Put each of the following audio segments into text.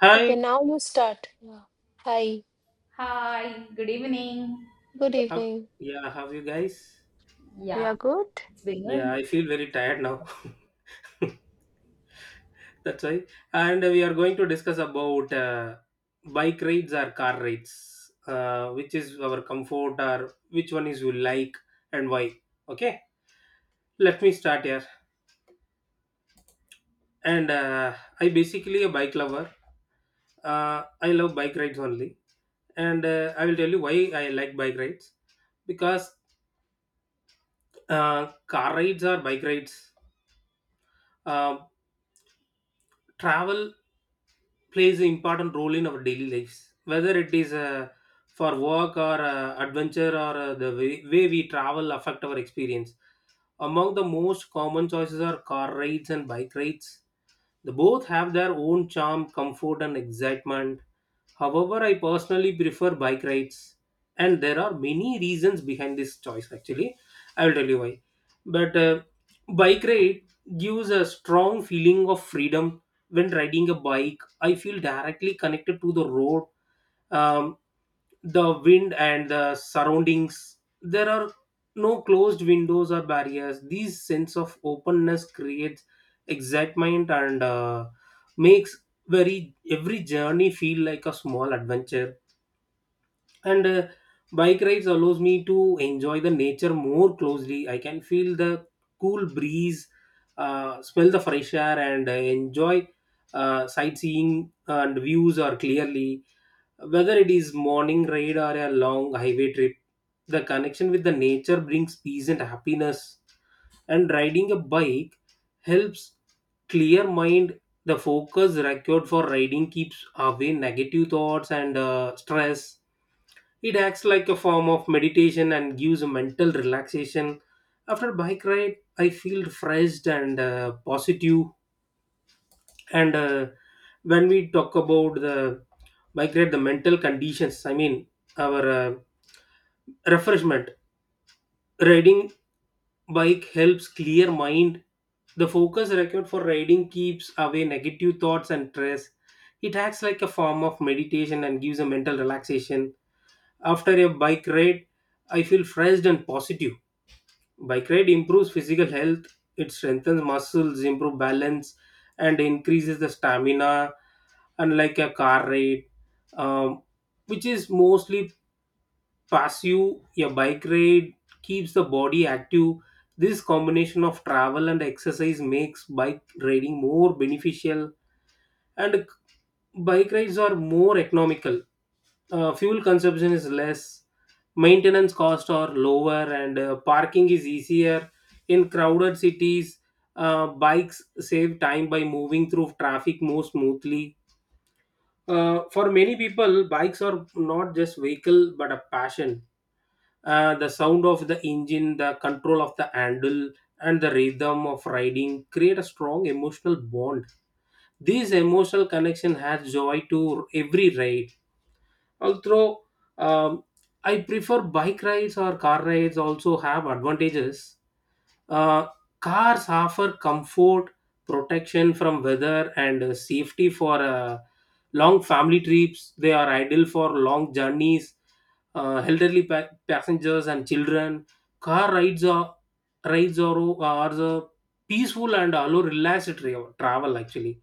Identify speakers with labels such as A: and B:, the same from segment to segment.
A: Hi,
B: Okay, now you start. Yeah. Hi,
C: Hi, good evening.
B: good
A: how,
B: evening.
A: yeah, how you guys?
B: We are
C: Yeah,
B: good?
C: it's been
A: Yeah, I
C: good.
A: feel very tired now. That's why. And we are going to discuss about bike rides or car rides, which is our comfort or which one is you like and why. Okay, let me start here. And I basically a bike lover. I love bike rides only, and I will tell you why I like bike rides because car rides or bike rides, uh, travel plays an important role in our daily lives, whether it is for work or adventure, or the way we travel affect our experience. Among the most common choices are car rides and bike rides. The both have their own charm, comfort, and excitement. However, I personally prefer bike rides, and there are many reasons behind this choice. Actually, I will tell you why. But bike ride gives a strong feeling of freedom. When riding a bike, I feel directly connected to the road, um, the wind, and the surroundings. There are no closed windows or barriers. These sense of openness creates excitement, and makes very every journey feel like a small adventure. And bike rides allows me to enjoy the nature more closely. I can feel the cool breeze, smell the fresh air, and enjoy sightseeing and views are clearly. Whether it is morning ride or a long highway trip, the connection with the nature brings peace and happiness. And riding a bike helps clear mind. The focus required for riding keeps away negative thoughts and stress. It acts like a form of meditation and gives a mental relaxation. After bike ride, I feel refreshed and positive. And when we talk about the migrate the mental conditions, I mean our refreshment, riding bike helps clear mind. The focus required for riding keeps away negative thoughts and stress. It acts like a form of meditation and gives a mental relaxation. After a bike ride, I feel fresh and positive. Bike ride improves physical health. It strengthens muscles, improves balance, and increases the stamina. Unlike a car ride, um, which is mostly passive, a bike ride keeps the body active. This combination of travel and exercise makes bike riding more beneficial, and bike rides are more economical. Fuel consumption is less, maintenance costs are lower, and parking is easier. In crowded cities, bikes save time by moving through traffic more smoothly. For many people, bikes are not just vehicle but a passion. The sound of the engine, the control of the handle, and the rhythm of riding create a strong emotional bond. This emotional connection adds joy to every ride. Although um, I prefer bike rides or car rides, also have advantages. Uh, cars offer comfort, protection from weather, and safety for long family trips. They are ideal for long journeys, elderly passengers, and children. Car rides are the peaceful and allow relaxed travel. Actually,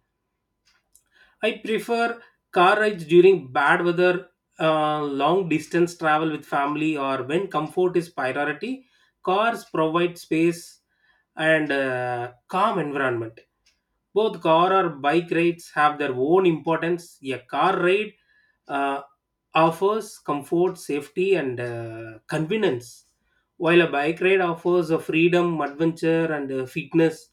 A: I prefer car rides during bad weather. Long distance travel with family or when comfort is priority, cars provide space and calm environment. Both car or bike rides have their own importance. A car ride uh, offers comfort, safety, and convenience, while a bike ride offers a freedom, adventure, and fitness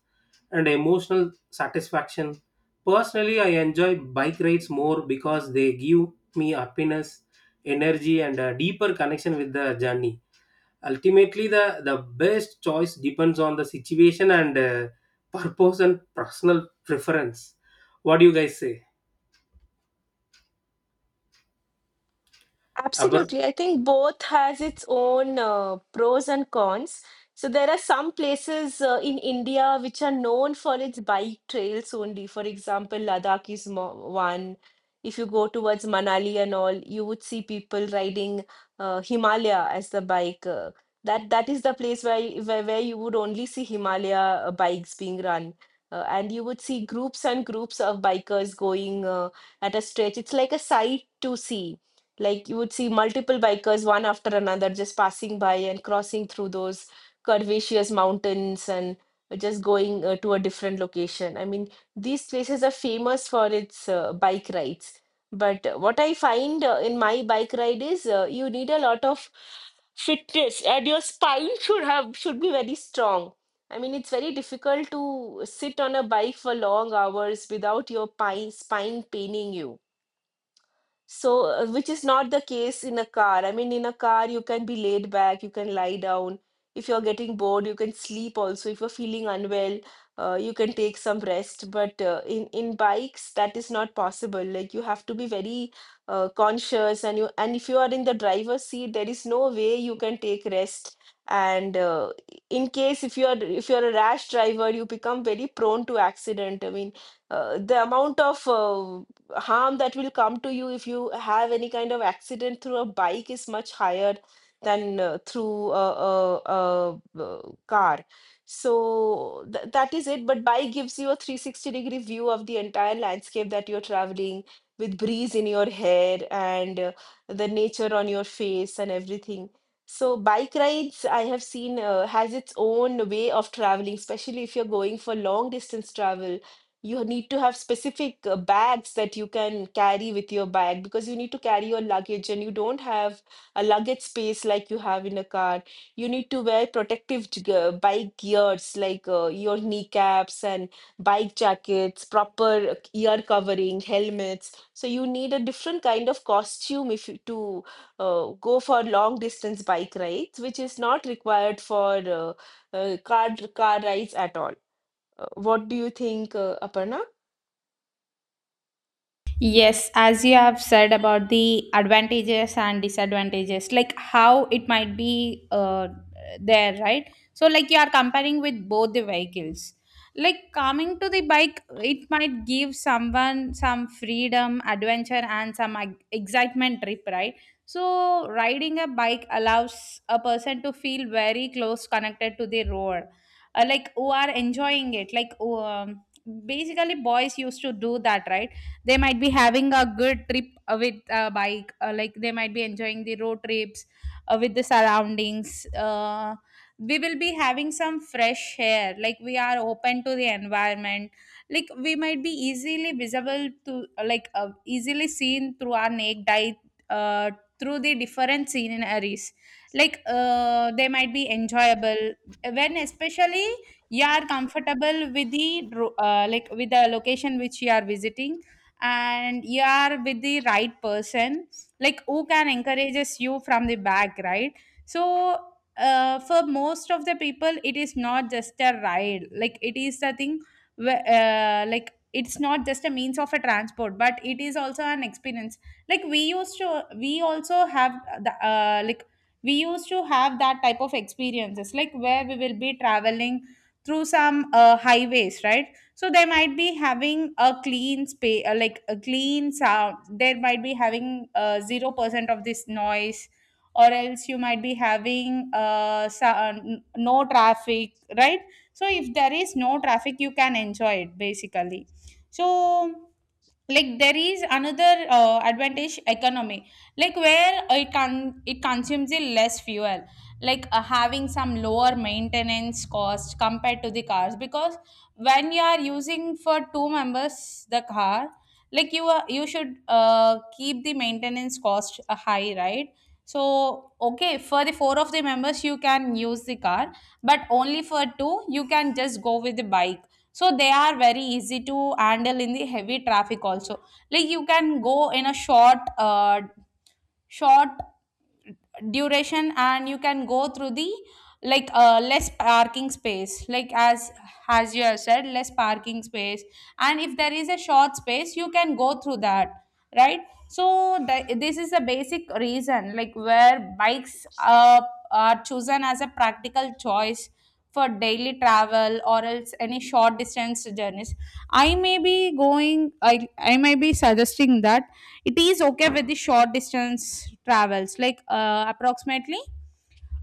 A: and emotional satisfaction. Personally, I enjoy bike rides more because they give me happiness, energy, and a deeper connection with the journey. Ultimately, the best choice depends on the situation and purpose and personal preference. What do you guys say? Abra?
B: Absolutely. I think both has its own pros and cons. So there are some places in India which are known for its bike trails only. For example, Ladakh is mo one. If you go towards Manali and all, you would see people riding Himalaya as the bike. That is the place where, y- where where you would only see Himalaya bikes being run. And you would see groups and groups of bikers going at a stretch. It's like a sight to see like you would see multiple bikers, one after another, just passing by and crossing through those curvaceous mountains and just going to a different location. I mean, these places are famous for its bike rides. But what I find in my bike ride is you need a lot of fitness and your spine should be very strong. I mean, it's very difficult to sit on a bike for long hours without your spine paining you. So, which is not the case in a car. I mean, in a car, you can be laid back, you can lie down. If you're getting bored, you can sleep also. If you're feeling unwell, you can take some rest. But in bikes, that is not possible. Like you have to be very conscious, and you and if you are in the driver's seat, there is no way you can take rest. And in case if you're a rash driver, you become very prone to accident. I mean, the amount of harm that will come to you if you have any kind of accident through a bike is much higher than through a car. So that is it. But bike gives you a 360 degree view of the entire landscape that you're traveling with breeze in your hair and the nature on your face and everything. So bike rides, I have seen, has its own way of traveling, especially if you're going for long distance travel. You need to have specific bags that you can carry with your bag because you need to carry your luggage and you don't have a luggage space like you have in a car. You need to wear protective bike gears like your kneecaps and bike jackets, proper ear covering, helmets. So you need a different kind of costume if you, to go for long distance bike rides, which is not required for car rides at all. What do you think, Aparna?
C: Yes, as you have said about the advantages and disadvantages, like how it might be there, right? So, like you are comparing with both the vehicles. Like coming to the bike, it might give someone some freedom, adventure, and some excitement trip, right? So, riding a bike allows a person to feel very close connected to the road, like who are enjoying it. Like, basically, boys used to do that, right? They might be having a good trip with a bike like they might be enjoying the road trips with the surroundings, we will be having some fresh air, like we are open to the environment, like we might be easily visible to, easily seen through our naked eye uh, through the different sceneries, they might be enjoyable, when especially you are comfortable with the like with the location which you are visiting and you are with the right person, like who can encourages you from the back, right? So for most of the people it is not just a ride, like it is the thing, like it's not just a means of a transport but it is also an experience. Like we used to we also have the, we used to have that type of experiences, like where we will be traveling through some highways, right? So they might be having a clean space, like a clean sound, they might be having 0% of this noise, or else you might be having no traffic, right? So if there is no traffic you can enjoy it, basically. So, like there is another advantage, economy, like where it consumes a less fuel, like having some lower maintenance cost compared to the cars, because when you are using for two members the car, like you should keep the maintenance cost high, right? So okay, for the four of the members you can use the car, but only for two you can just go with the bike. So they are very easy to handle in the heavy traffic also, like you can go in a short duration and you can go through the, less parking space, like as you have said, less parking space, and if there is a short space you can go through that, right? So this is the basic reason, like where bikes are chosen as a practical choice for daily travel or else any short distance journeys. I may be suggesting that it is okay with the short distance travels, like approximately,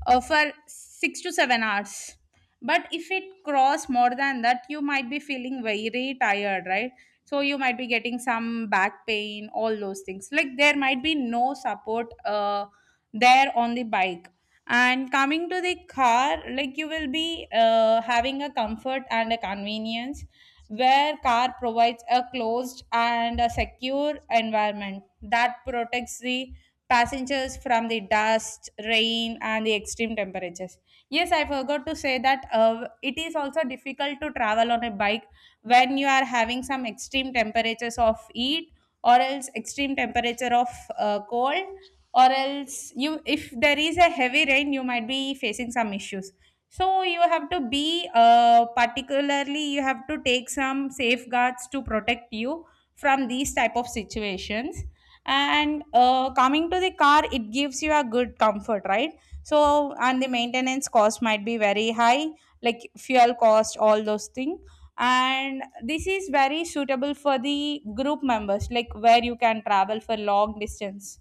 C: for 6 to 7 hours, but if it cross more than that you might be feeling very tired, right? So you might be getting some back pain, all those things, like there might be no support there on the bike. And coming to the car, like you will be having a comfort and a convenience, where car provides a closed and a secure environment that protects the passengers from the dust, rain, and the extreme temperatures. Yes, I forgot to say that it is also difficult to travel on a bike when you are having some extreme temperatures of heat, or else extreme temperature of cold, or else you, if there is a heavy rain you might be facing some issues. So you have to be particularly, you have to take some safeguards to protect you from these type of situations. And coming to the car, it gives you a good comfort, right? So, and the maintenance cost might be very high, like fuel cost, all those things. And this is very suitable for the group members, like where you can travel for long distance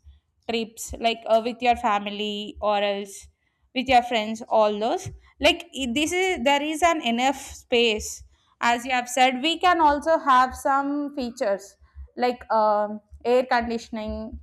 C: trips, like with your family, or else with your friends, all those, this is, there is an enough space, as you have said. We can also have some features, like air conditioning,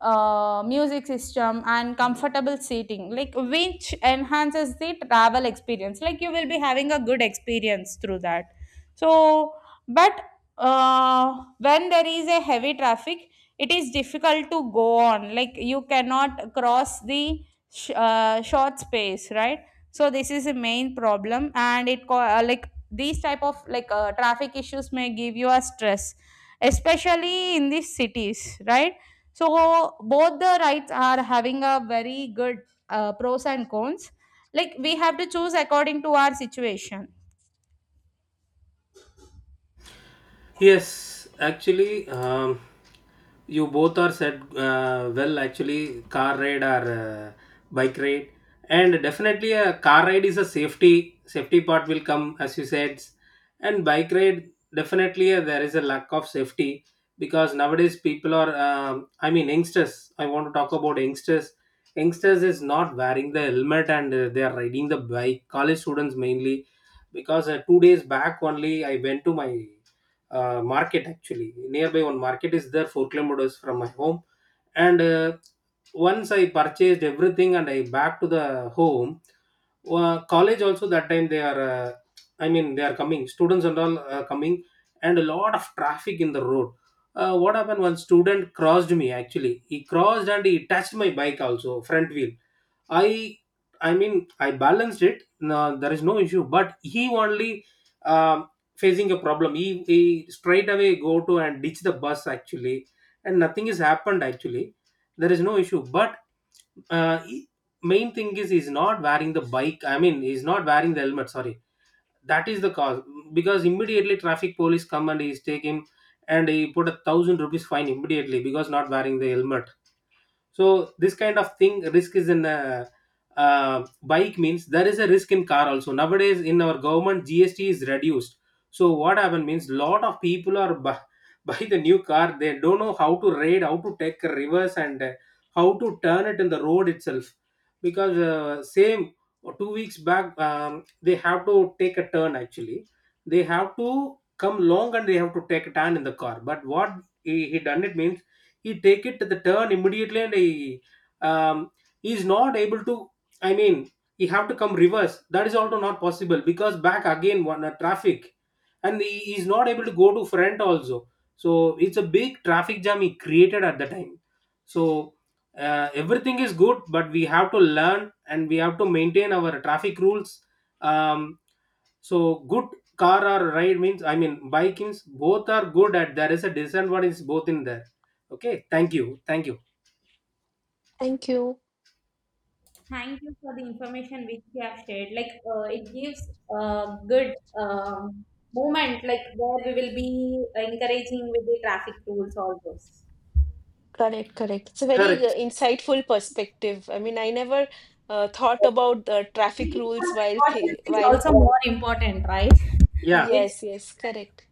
C: music system, and comfortable seating, like which enhances the travel experience, like you will be having a good experience through that. So but when there is a heavy traffic it is difficult to go on, like you cannot cross the short space, right? So this is a main problem, and like these type of traffic issues may give you a stress, especially in these cities, right? So both the rights are having a very good pros and cons, like we have to choose according to our situation.
A: Yes, actually, you both are said well. Actually, car ride or bike ride, and definitely a car ride is a safety part will come as you said, and bike ride definitely there is a lack of safety because nowadays people are. I mean, youngsters. I want to talk about youngsters. Youngsters is not wearing the helmet and they are riding the bike. College students mainly, because 2 days back only I went to my market. Actually, nearby one market is there 4 kilometers from my home. And once I purchased everything and I back to the home. College also that time they are I mean they are coming students and all are coming, and a lot of traffic in the road. What happened, one student crossed me. Actually, he crossed and he touched my bike also front wheel. I I mean I balanced it. No, there is no issue. But he only um, facing a problem. He straight away go to and ditch the bus actually, and nothing has happened actually. There is no issue. But uh, he- main thing is he's not wearing the bike. I mean he's not wearing the helmet. Sorry, that is the cause because immediately traffic police come and he's take him and he put 1,000 rupees fine immediately because not wearing the helmet. So this kind of thing risk is in a bike means there is a risk in car also. Nowadays in our government GST is reduced. So what happened means lot of people are buy the new car. They don't know how to raid, how to take a reverse, and how to turn it in the road itself. Because same 2 weeks back, they have to take a turn. Actually, they have to come long and they have to take a turn in the car. But what he done it means he take it to the turn immediately, and um, he's not able to, I mean he have to come reverse. That is also not possible because back again one traffic. And he is not able to go to front also. So it's a big traffic jam he created at the time. So everything is good, but we have to learn and we have to maintain our traffic rules. Um, so good, car or ride means, I mean bike means, both are good at there is a disadvantage both in there. Okay, thank you, thank you.
B: Thank you.
C: Thank you for the information which you have shared. Like it gives a good movement, like where we will be encouraging with the traffic rules, all those.
B: Correct, correct. It's a very
A: Correct.
B: insightful perspective. I mean, I never thought about the traffic
C: Keeping
B: rules
C: some
B: while
C: precautions
B: th
C: is
B: while
C: also more important, right?
A: Yeah.
C: Which
B: yes, yes, correct.